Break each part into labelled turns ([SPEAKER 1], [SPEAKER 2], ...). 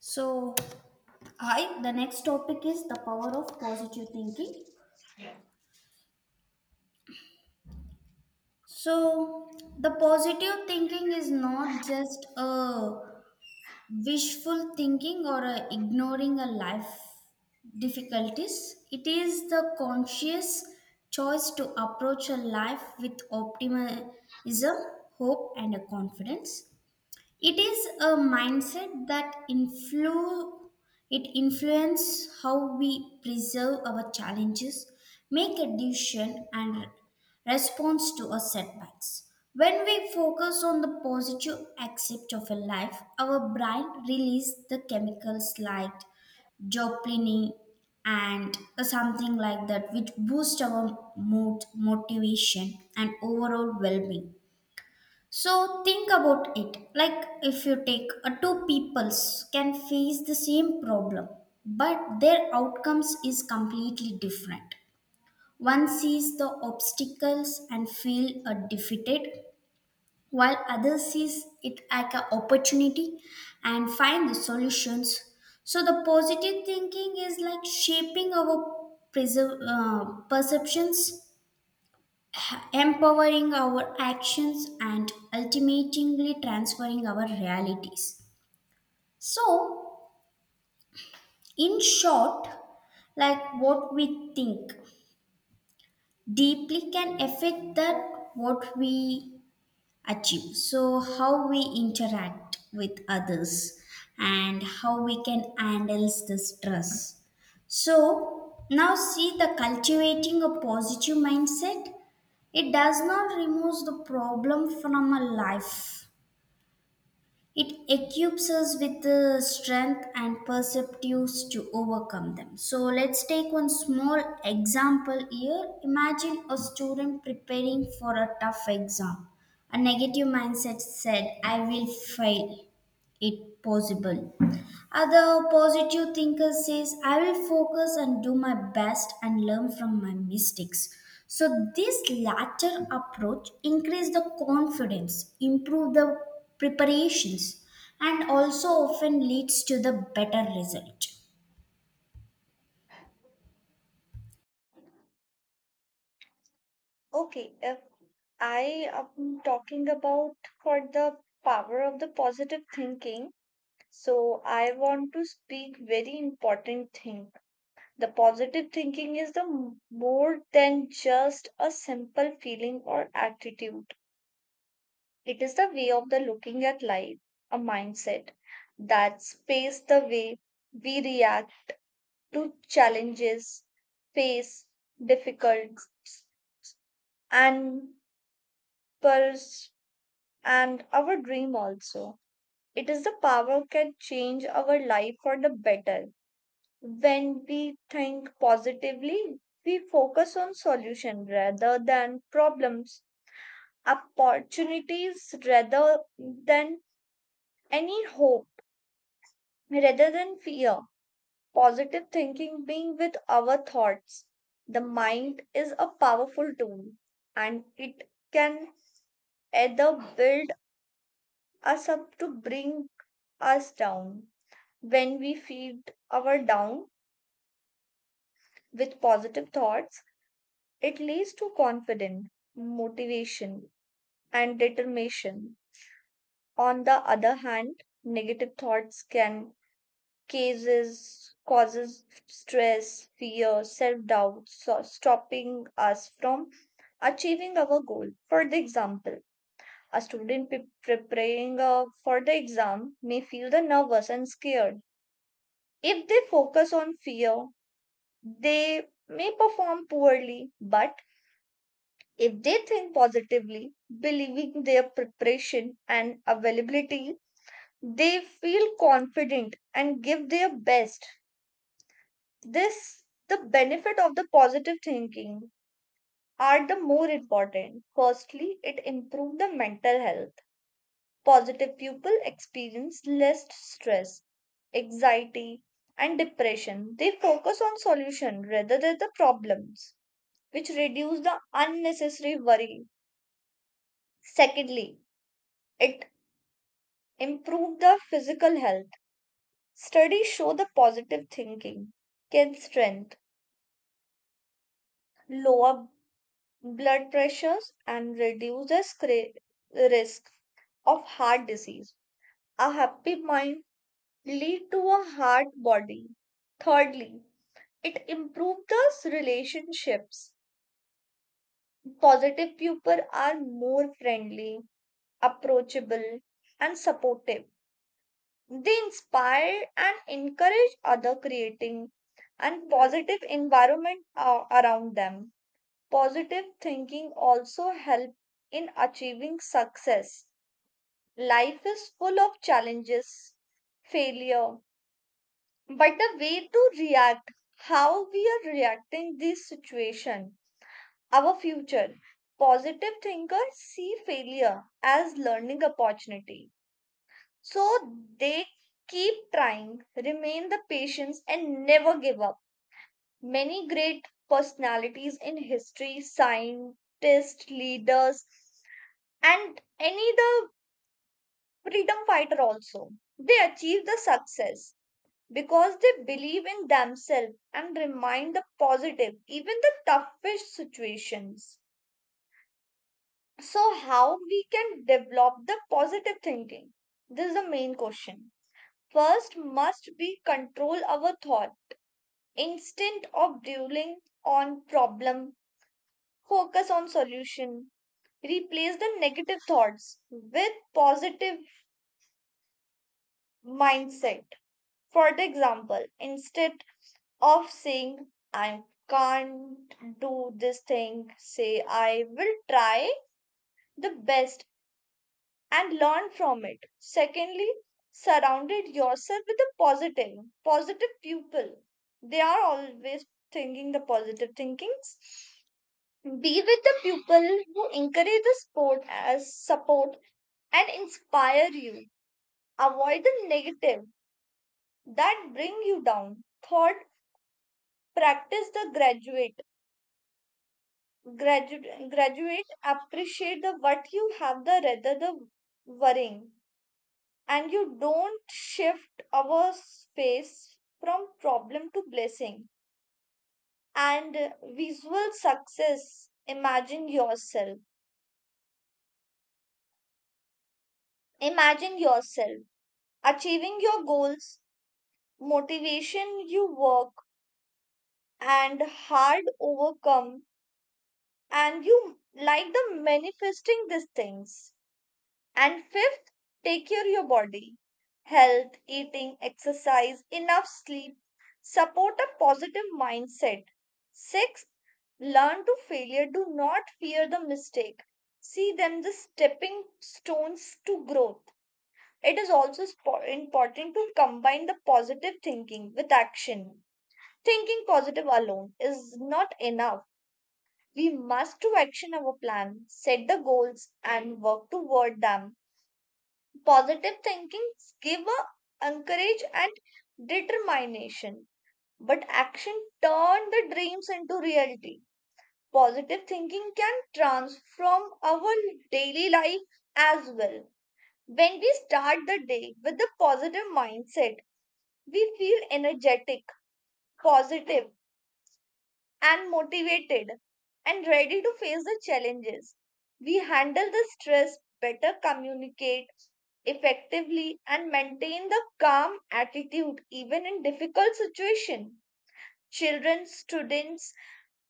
[SPEAKER 1] So, hi, the next topic is the power of positive thinking. So, the positive thinking is not just a wishful thinking or a ignoring a life difficulties. It is the conscious choice to approach a life with optimism, hope, and a confidence. It is a mindset that it influences how we preserve our challenges, make a decision, and response to our setbacks. When we focus on the positive aspect of a life, our brain releases the chemicals like dopamine and something like that, which boost our mood, motivation, and overall well-being. So think about it. Like, if you take two peoples can face the same problem, but their outcomes is completely different. One sees the obstacles and feel defeated, while other sees it as an opportunity and find the solutions. So the positive thinking is like shaping our perceptions, empowering our actions, and ultimately transferring our realities. So, in short, like, what we think deeply can affect that what we achieve. So, how we interact with others and how we can handle the stress. So now see the cultivating a positive mindset. It does not remove the problem from a life, it equips us with the strength and perceptives to overcome them. So let's take one small example here. Imagine a student preparing for a tough exam. A negative mindset said, I will fail, it possible. Other positive thinker says, I will focus and do my best and learn from my mistakes. So, this latter approach increase the confidence, improve the preparations, and also often leads to the better result.
[SPEAKER 2] Okay, if I am talking about for the power of the positive thinking, so I want to speak very important thing. The positive thinking is more than just a simple feeling or attitude. It is the way of the looking at life, a mindset that space the way we react to challenges, face difficulties, and our dream also. It is the power can change our life for the better. When we think positively, we focus on solution rather than problems, opportunities rather than any hope, rather than fear. Positive thinking being with our thoughts. The mind is a powerful tool and it can either build us up to bring us down. When we feed our down with positive thoughts, it leads to confidence, motivation, and determination. On the other hand, negative thoughts can cases causes stress, fear, self-doubt, so stopping us from achieving our goal. For the example, a student preparing for the exam may feel the nervous and scared. If they focus on fear, they may perform poorly, but if they think positively, believing their preparation and availability, they feel confident and give their best. This, the benefit of the positive thinking are the more important. Firstly, it improves the mental health. Positive people experience less stress, anxiety, and depression. They focus on solution rather than the problems which reduced the unnecessary worry. Secondly, it improved the physical health. Studies show the positive thinking can strengthen lower blood pressures and reduce the risk of heart disease. A happy mind lead to a heart body. Thirdly, it improved the relationships. Positive people are more friendly, approachable, and supportive. They inspire and encourage other creating and positive environment around them. Positive thinking also help in achieving success. Life is full of challenges, failure, but the way to react, how we are reacting this situation, our future. Positive thinkers see failure as learning opportunity. So they keep trying, remain the patience, and never give up. Many great personalities in history, scientists, leaders, and any the freedom fighter also. They achieve the success because they believe in themselves and remind the positive, even the toughest situations. So, how we can develop the positive thinking? This is the main question. First must be control our thought. Instead of dwelling on problem, focus on solution. Replace the negative thoughts with positive mindset. For the example, instead of saying I can't do this thing, say I will try the best and learn from it. Secondly, surrounded yourself with positive people. They are always thinking the positive thinkings. Be with the people who encourage the sport as support and inspire you. Avoid the negative that bring you down. Third, practice the graduate. Graduate appreciate the what you have the rather the worrying and you don't shift our space from problem to blessing and visual success imagine yourself achieving your goals motivation you work and hard overcome and you like the manifesting these things. And fifth, take care of your body. Health, eating, exercise, enough sleep, support a positive mindset. Sixth, learn to failure. Do not fear the mistake. See them the stepping stones to growth. It is also important to combine the positive thinking with action. Thinking positive alone is not enough. We must to action our plan, set the goals and work toward them. Positive thinking give a encourage and determination, but action turn the dreams into reality. Positive thinking can transform our daily life as well. When we start the day with a positive mindset, we feel energetic, positive, and motivated and ready to face the challenges. We handle the stress better, communicate effectively, and maintain the calm attitude even in difficult situations. Children, students,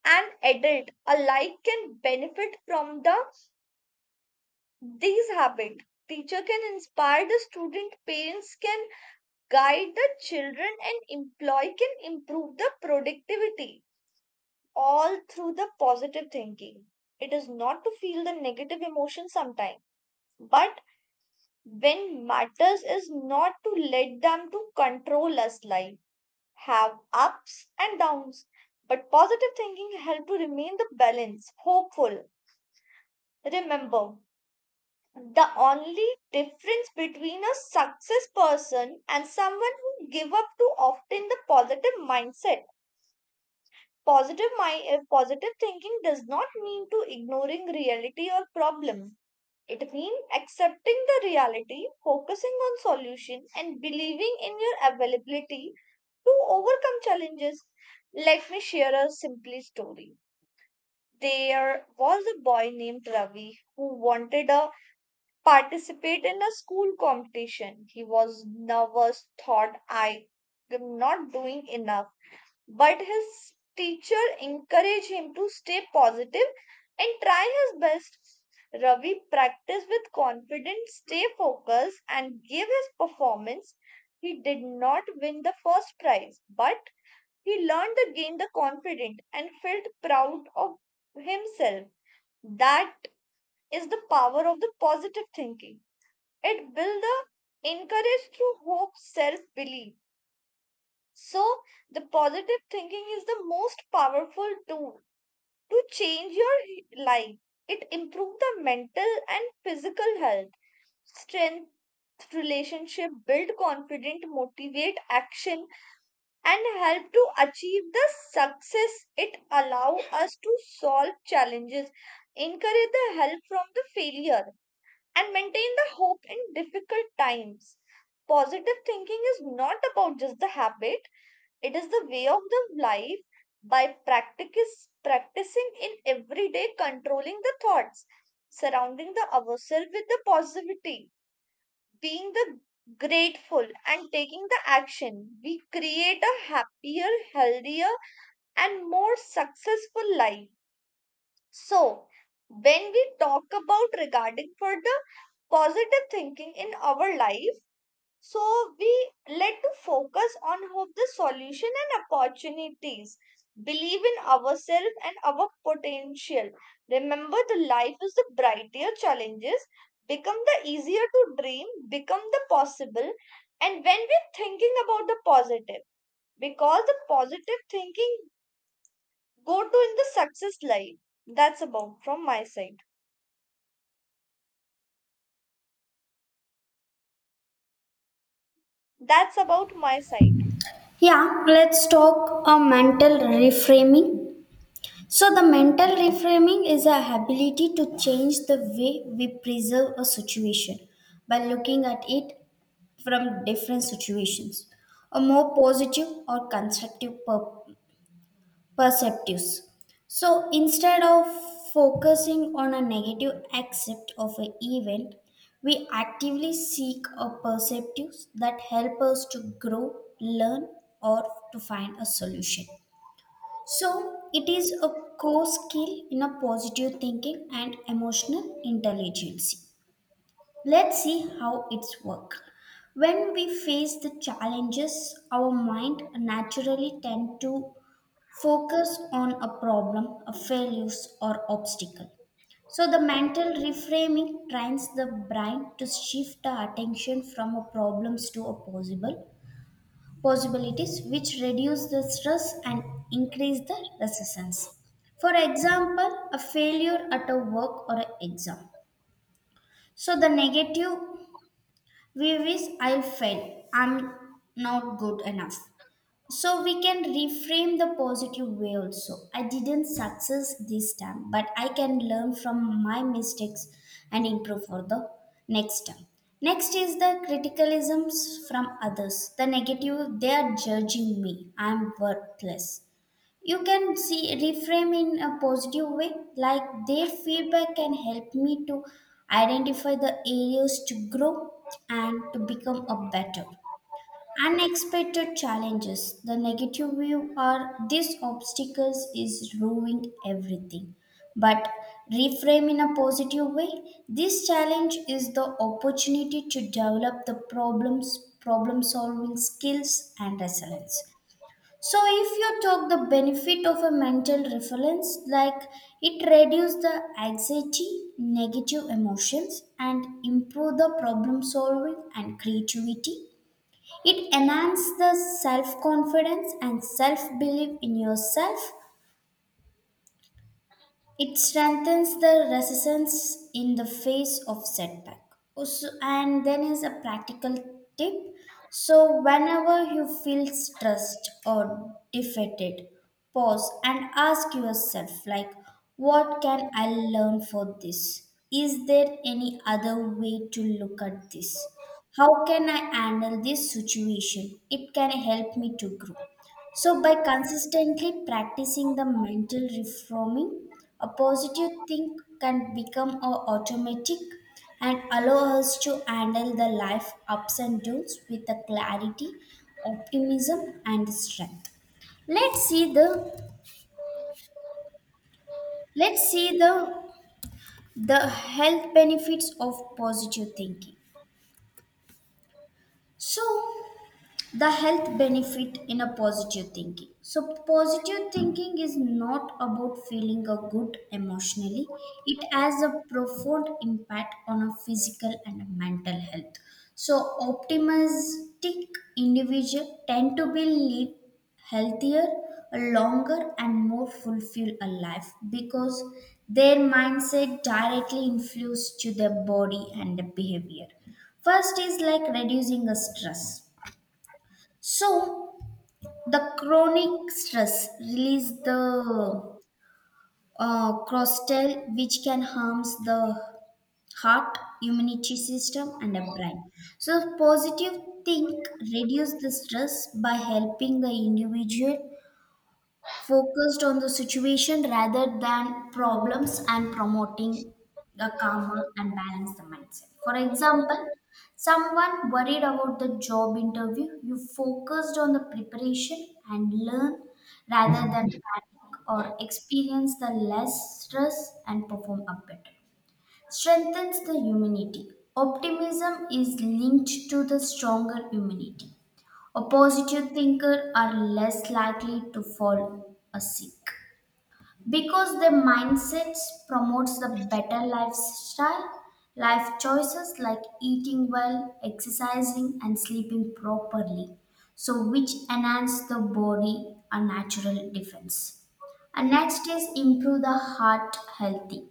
[SPEAKER 2] and adult alike can benefit from these habits. Teacher can inspire the student, parents can guide the children, and employee can improve the productivity, all through the positive thinking. It is not to feel the negative emotion sometimes, but when matters is not to let them to control us life, have ups and downs. But positive thinking help to remain the balance, hopeful. Remember, the only difference between a success person and someone who give up too often the positive mindset. Positive mind if positive thinking does not mean to ignoring reality or problem. It means accepting the reality, focusing on solution and believing in your availability to overcome challenges. Let me share a simple story. There was a boy named Ravi who wanted to participate in a school competition. He was nervous, thought I am not doing enough, but his teacher encouraged him to stay positive and try his best. Ravi practiced with confidence, stay focused, and gave his performance. He did not win the first prize, but he learned to gain the confidence and felt proud of himself. That is the power of the positive thinking. It builds the encourage through hope, self belief. So, the positive thinking is the most powerful tool to change your life. It improves the mental and physical health, strength relationship, build confident, motivate action, and help to achieve the success. It allow us to solve challenges, encourage the help from the failure, and maintain the hope in difficult times. Positive thinking is not about just the habit, it is the way of the life by practice, practicing in everyday controlling the thoughts, surrounding the ourselves with the positivity, being the grateful and taking the action. We create a happier, healthier and more successful life. So when we talk about regarding for the positive thinking in our life, so we led to focus on hope, the solution and opportunities. Believe in ourselves and our potential. Remember the life is the brighter challenges become the easier to dream, become the possible. And when we're thinking about the positive, because the positive thinking go to in the success life. That's about from my side. That's about my side.
[SPEAKER 1] Yeah, let's talk a mental reframing. So the mental reframing is the ability to change the way we preserve a situation by looking at it from different situations, a more positive or constructive perceptives. So instead of focusing on a negative aspect of an event, we actively seek a perceptives that help us to grow, learn, or to find a solution. So it is a core skill in a positive thinking and emotional intelligence. Let's see how it's work. When we face the challenges, our mind naturally tend to focus on a problem, a failures, or obstacle. So the mental reframing trains the brain to shift the attention from a problems to a possible possibilities, which reduce the stress and increase the resistance. For example, a failure at a work or an exam. So the negative, we wish, I'll fail, I'm not good enough. So we can reframe the positive way also. I didn't success this time, but I can learn from my mistakes and improve for the next time. Next is the criticisms from others. The negative, they are judging me, I'm worthless. You can see reframe in a positive way like, their feedback can help me to identify the areas to grow and to become a better. Unexpected challenges, the negative view are, these obstacles is ruining everything, but reframe in a positive way, this challenge is the opportunity to develop the problem solving skills and resilience. So if you talk the benefit of a mental reference, like, it reduce the anxiety, negative emotions, and improve the problem solving and creativity. It enhance the self confidence and self belief in yourself. It strengthens the resistance in the face of setback. So, and then is a practical tip. So whenever you feel stressed or defeated, pause and ask yourself like, what can I learn for this? Is there any other way to look at this? How can I handle this situation? It can help me to grow. So, by consistently practicing the mental reforming, a positive think can become a automatic and allow us to handle the life ups and downs with the clarity, optimism, and strength. Let's see the let's see the health benefits of positive thinking. So the health benefit in a positive thinking, so positive thinking is not about feeling a good emotionally, it has a profound impact on a physical and a mental health. So optimistic individual tend to be live healthier, longer, and more fulfilled a life, because their mindset directly influences to their body and the behavior. First is like reducing the stress. So the chronic stress release the cortisol, which can harms the heart, immunity system, and the brain. So positive think reduce the stress by helping the individual focused on the situation rather than problems and promoting the calmer and balanced mindset. For example, someone worried about the job interview, you focused on the preparation and learn rather than panic or experience the less stress and perform up better. Strengthens the immunity. Optimism is linked to the stronger immunity, a positive thinker are less likely to fall a sick because their mindsets promotes the better lifestyle, life choices like eating well, exercising, and sleeping properly, so which enhance the body a natural defense. And next is improve the heart healthy.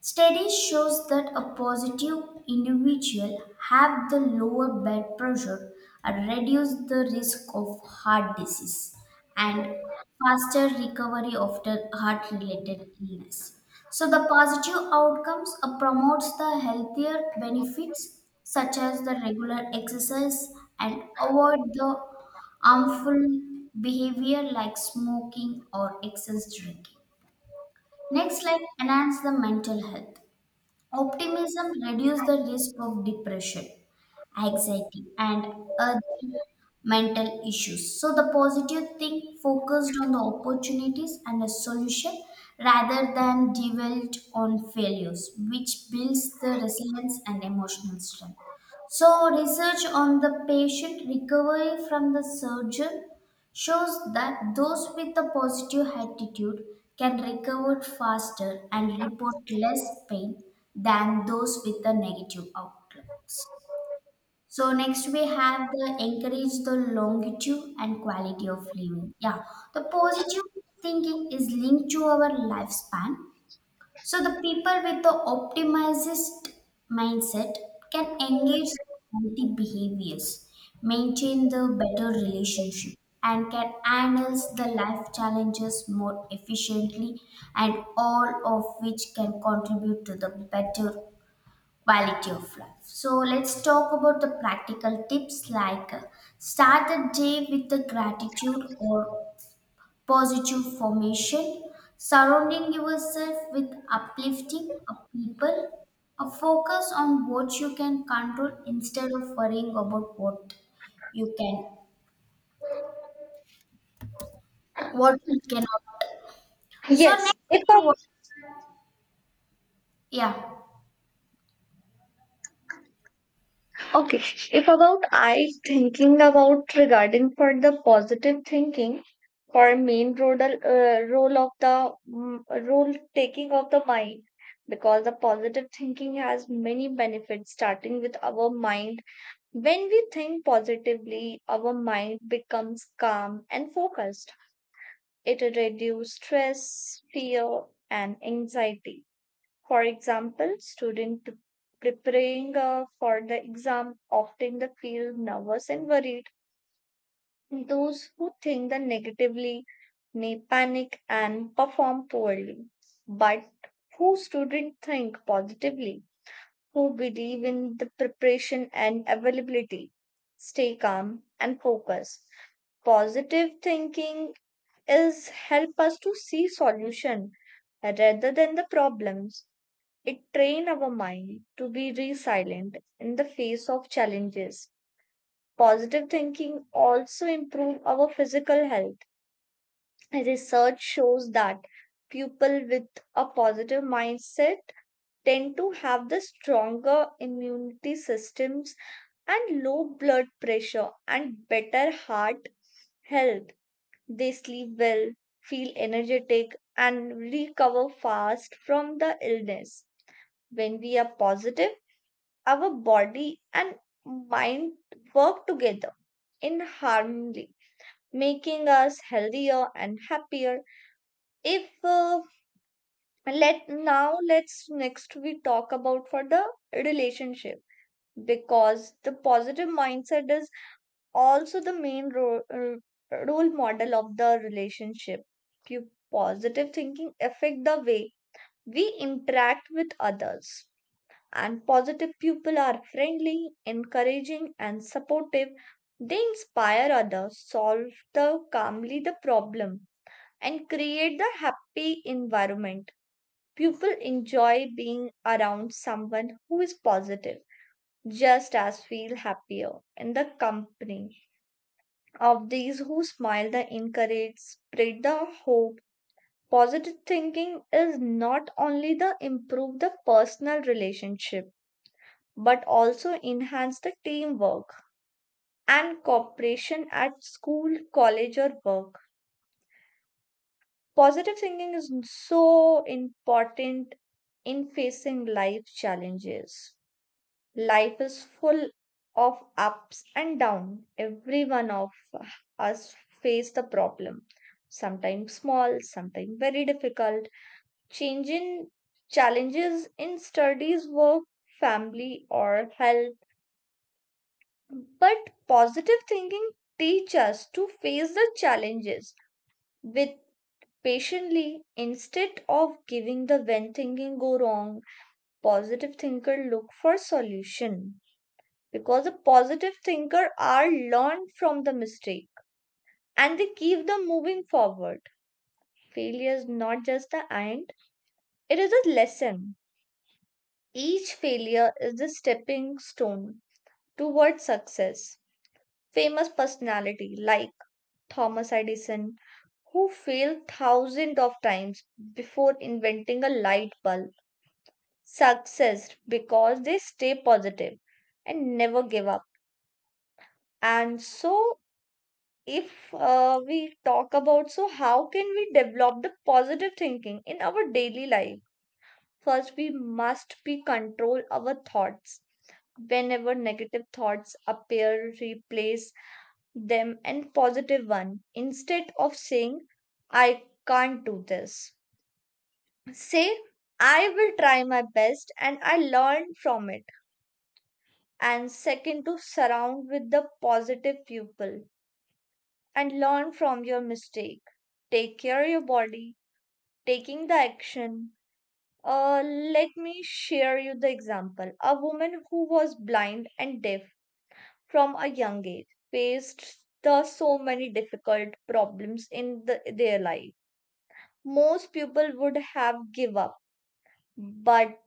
[SPEAKER 1] Studies shows that a positive individual have the lower blood pressure and reduce the risk of heart disease and faster recovery after heart related illness. So the positive outcomes promotes the healthier benefits such as the regular exercise and avoid the harmful behavior like smoking or excess drinking. Next, like, enhance the mental health. Optimism reduces the risk of depression, anxiety, and other mental issues. So the positive thing focused on the opportunities and a solution rather than dwelt on failures, which builds the resilience and emotional strength. So research on the patient recovery from the surgeon shows that those with a positive attitude can recover faster and report less pain than those with a negative outlook. So next we have the encourage the longitude and quality of living. Yeah, the positive thinking is linked to our lifespan, so the people with the optimized mindset can engage in healthy behaviors, maintain the better relationship, and can handle the life challenges more efficiently, and all of which can contribute to the better quality of life. So let's talk about the practical tips like, start the day with the gratitude or positive formation, surrounding yourself with uplifting people, a focus on what you can control instead of worrying about what you can, what you cannot. So
[SPEAKER 2] Yes,
[SPEAKER 1] next,
[SPEAKER 2] it
[SPEAKER 1] we want-
[SPEAKER 2] was.
[SPEAKER 1] yeah.
[SPEAKER 2] Okay, if about I thinking about regarding for the positive thinking for main role role of the role taking of the mind because the positive thinking has many benefits starting with our mind. When we think positively, our mind becomes calm and focused. It reduces stress, fear, and anxiety. For example, student preparing for the exam often they feel nervous and worried. Those who think the negatively may panic and perform poorly. But who student think positively, who believe in the preparation and availability, stay calm and focus. Positive thinking is help us to see solution rather than the problems. It trains our mind to be resilient in the face of challenges. Positive thinking also improves our physical health. Research shows that people with a positive mindset tend to have the stronger immunity systems and low blood pressure and better heart health. They sleep well, feel energetic, and recover fast from the illness. When we are positive, our body and mind work together in harmony making us healthier and happier. If uh, let's next we talk about for the relationship because the positive mindset is also the main role model of the relationship. Your positive thinking affect the way we interact with others and positive people are friendly, encouraging, and supportive. They inspire others, solve the calmly the problem, and create the happy environment. People enjoy being around someone who is positive, just as feel happier in the company of these who smile, the encourage, spread the hope. Positive thinking is not only the improve the personal relationship but also enhance the teamwork and cooperation at school, college, or work. Positive thinking is so important in facing life challenges. Life is full of ups and downs. Every one of us face the problem. Sometimes small, sometimes very difficult. Changing challenges in studies, work, family, or health. But positive thinking teaches us to face the challenges with patiently instead of giving the when thinking go wrong. Positive thinker look for solution because a positive thinker are learned from the mistake and they keep them moving forward. Failure is not just the end; it is a lesson. Each failure is the stepping stone towards success. Famous personality like Thomas Edison, who failed thousands of times before inventing a light bulb. Success because they stay positive and never give up. And so, if we talk about so, how can we develop the positive thinking in our daily life? First, we must be control our thoughts. Whenever negative thoughts appear, replace them and positive one instead of saying I can't do this. Say I will try my best and I learn from it. And second to surround with the positive people and learn from your mistake. Take care of your body, taking the action. Let me share you the example. A woman who was blind and deaf from a young age faced the so many difficult problems in the, their life. Most people would have give up, but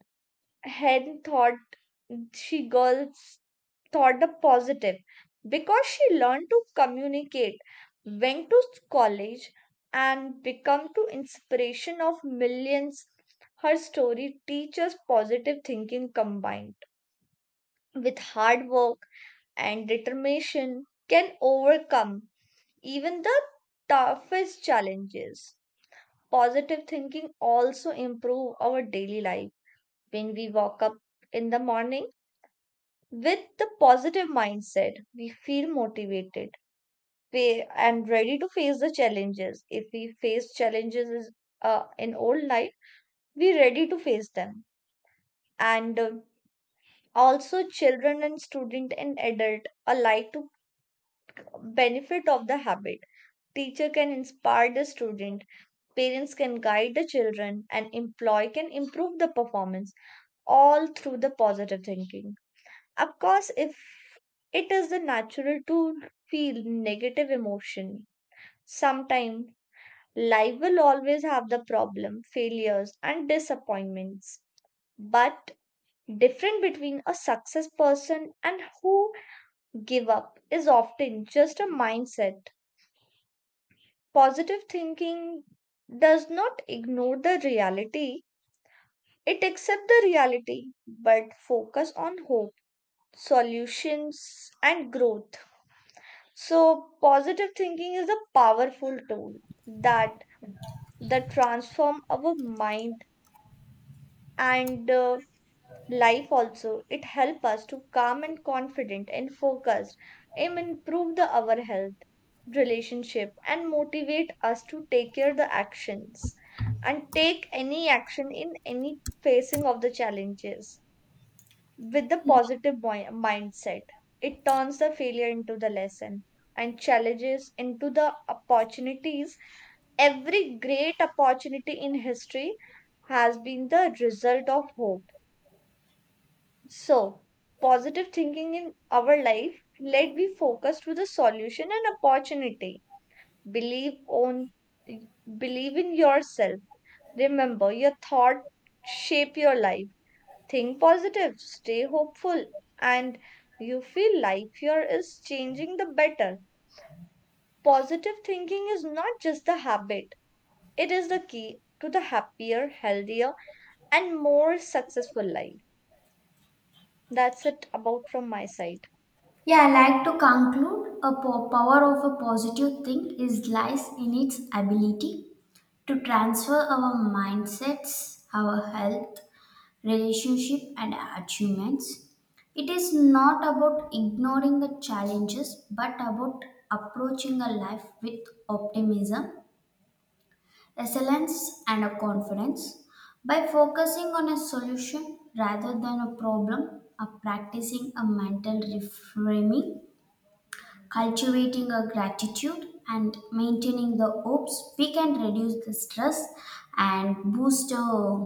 [SPEAKER 2] Hen thought she girls thought the positive because she learned to communicate, went to college, and become to inspiration of millions. Her story teaches positive thinking combined with hard work and determination can overcome even the toughest challenges. Positive thinking also improve our daily life. When we walk up in the morning with the positive mindset, we feel motivated and ready to face the challenges. If we face challenges in old life, we're ready to face them. And also, children and student and adult alike to benefit of the habit. Teacher can inspire the student, parents can guide the children, and employee can improve the performance all through the positive thinking. Of course, if it is the natural to feel negative emotion, sometimes life will always have the problem, failures, and disappointments. But different between a success person and who give up is often just a mindset. Positive thinking does not ignore the reality. It accepts the reality but focus on hope, solutions and growth. So positive thinking is a powerful tool that that transform our mind and life also. It help us to calm and confident and focused and improve the our health relationship and motivate us to take care the actions and take any action in any facing of the challenges with the mindset, it turns the failure into the lesson and challenges into the opportunities. Every great opportunity in history has been the result of hope. So, positive thinking in our life, let be focused to the solution and opportunity. Believe on believe in yourself. Remember, your thought shape your life. Think positive, stay hopeful, and you feel life here is changing the better. Positive thinking is not just the habit, it is the key to the happier, healthier, and more successful life. That's it about from my side.
[SPEAKER 1] Yeah, I like to conclude a power of a positive think is lies in its ability to transfer our mindsets, our health, relationship, and achievements. It is not about ignoring the challenges but about approaching a life with optimism, resilience, and a confidence. By focusing on a solution rather than a problem, a practicing a mental reframing, cultivating a gratitude, and maintaining the hopes, we can reduce the stress and boost uh,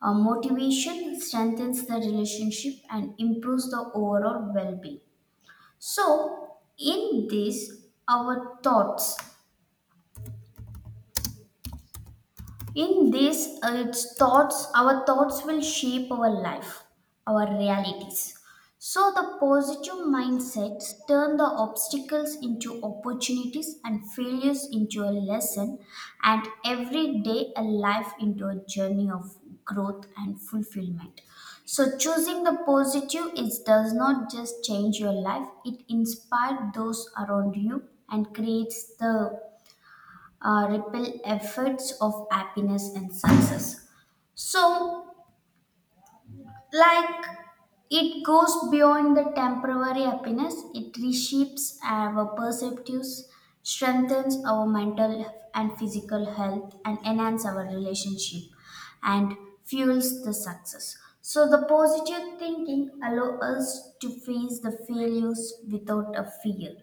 [SPEAKER 1] uh, motivation, strengthens the relationship, and improves the overall well being. So, in this, our thoughts In this, it's thoughts, our thoughts will shape our life, our realities. So the positive mindsets turn the obstacles into opportunities and failures into a lesson, and every day a life into a journey of growth and fulfillment. So choosing the positive is does not just change your life, it inspires those around you and creates the repel efforts of happiness and success. So, like, it goes beyond the temporary happiness, it reshapes our perceptives, strengthens our mental and physical health, and enhance our relationship and fuels the success. So the positive thinking allows us to face the failures without a fear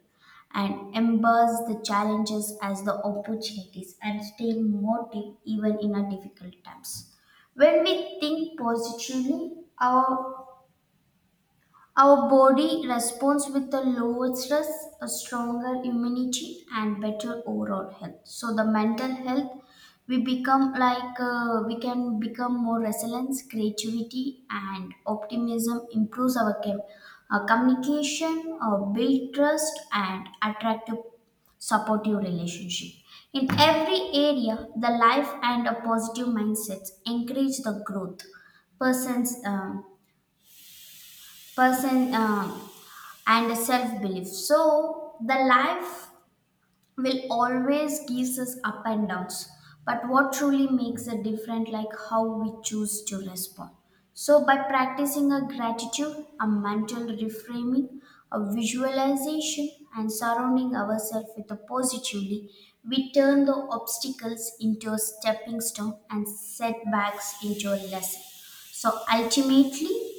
[SPEAKER 1] and embrace the challenges as the opportunities and stay motive even in a difficult times. When we think positively, our body responds with a lower stress, a stronger immunity, and better overall health. So the mental health, we become like, we can become more resilience, creativity, and optimism. Improves our communication, build trust, and attract a supportive relationship. In every area, the life and a positive mindsets encourage the growth. Persons, um, person. And self belief. So the life will always gives us up and downs. But what truly makes a difference, like, how we choose to respond. So by practicing a gratitude, a mental reframing, a visualization, and surrounding ourselves with a positively, we turn the obstacles into a stepping stone and setbacks into a lesson. So ultimately,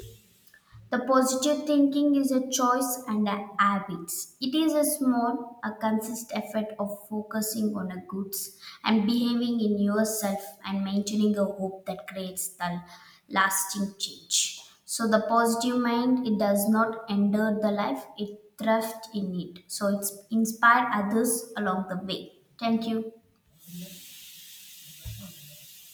[SPEAKER 1] the positive thinking is a choice and a habit. It is a small, a consistent effort of focusing on a goods and behaving in yourself and maintaining a hope that creates the lasting change. So the positive mind, it does not endure the life, it thrives in it. So it's inspire others along the way. Thank you.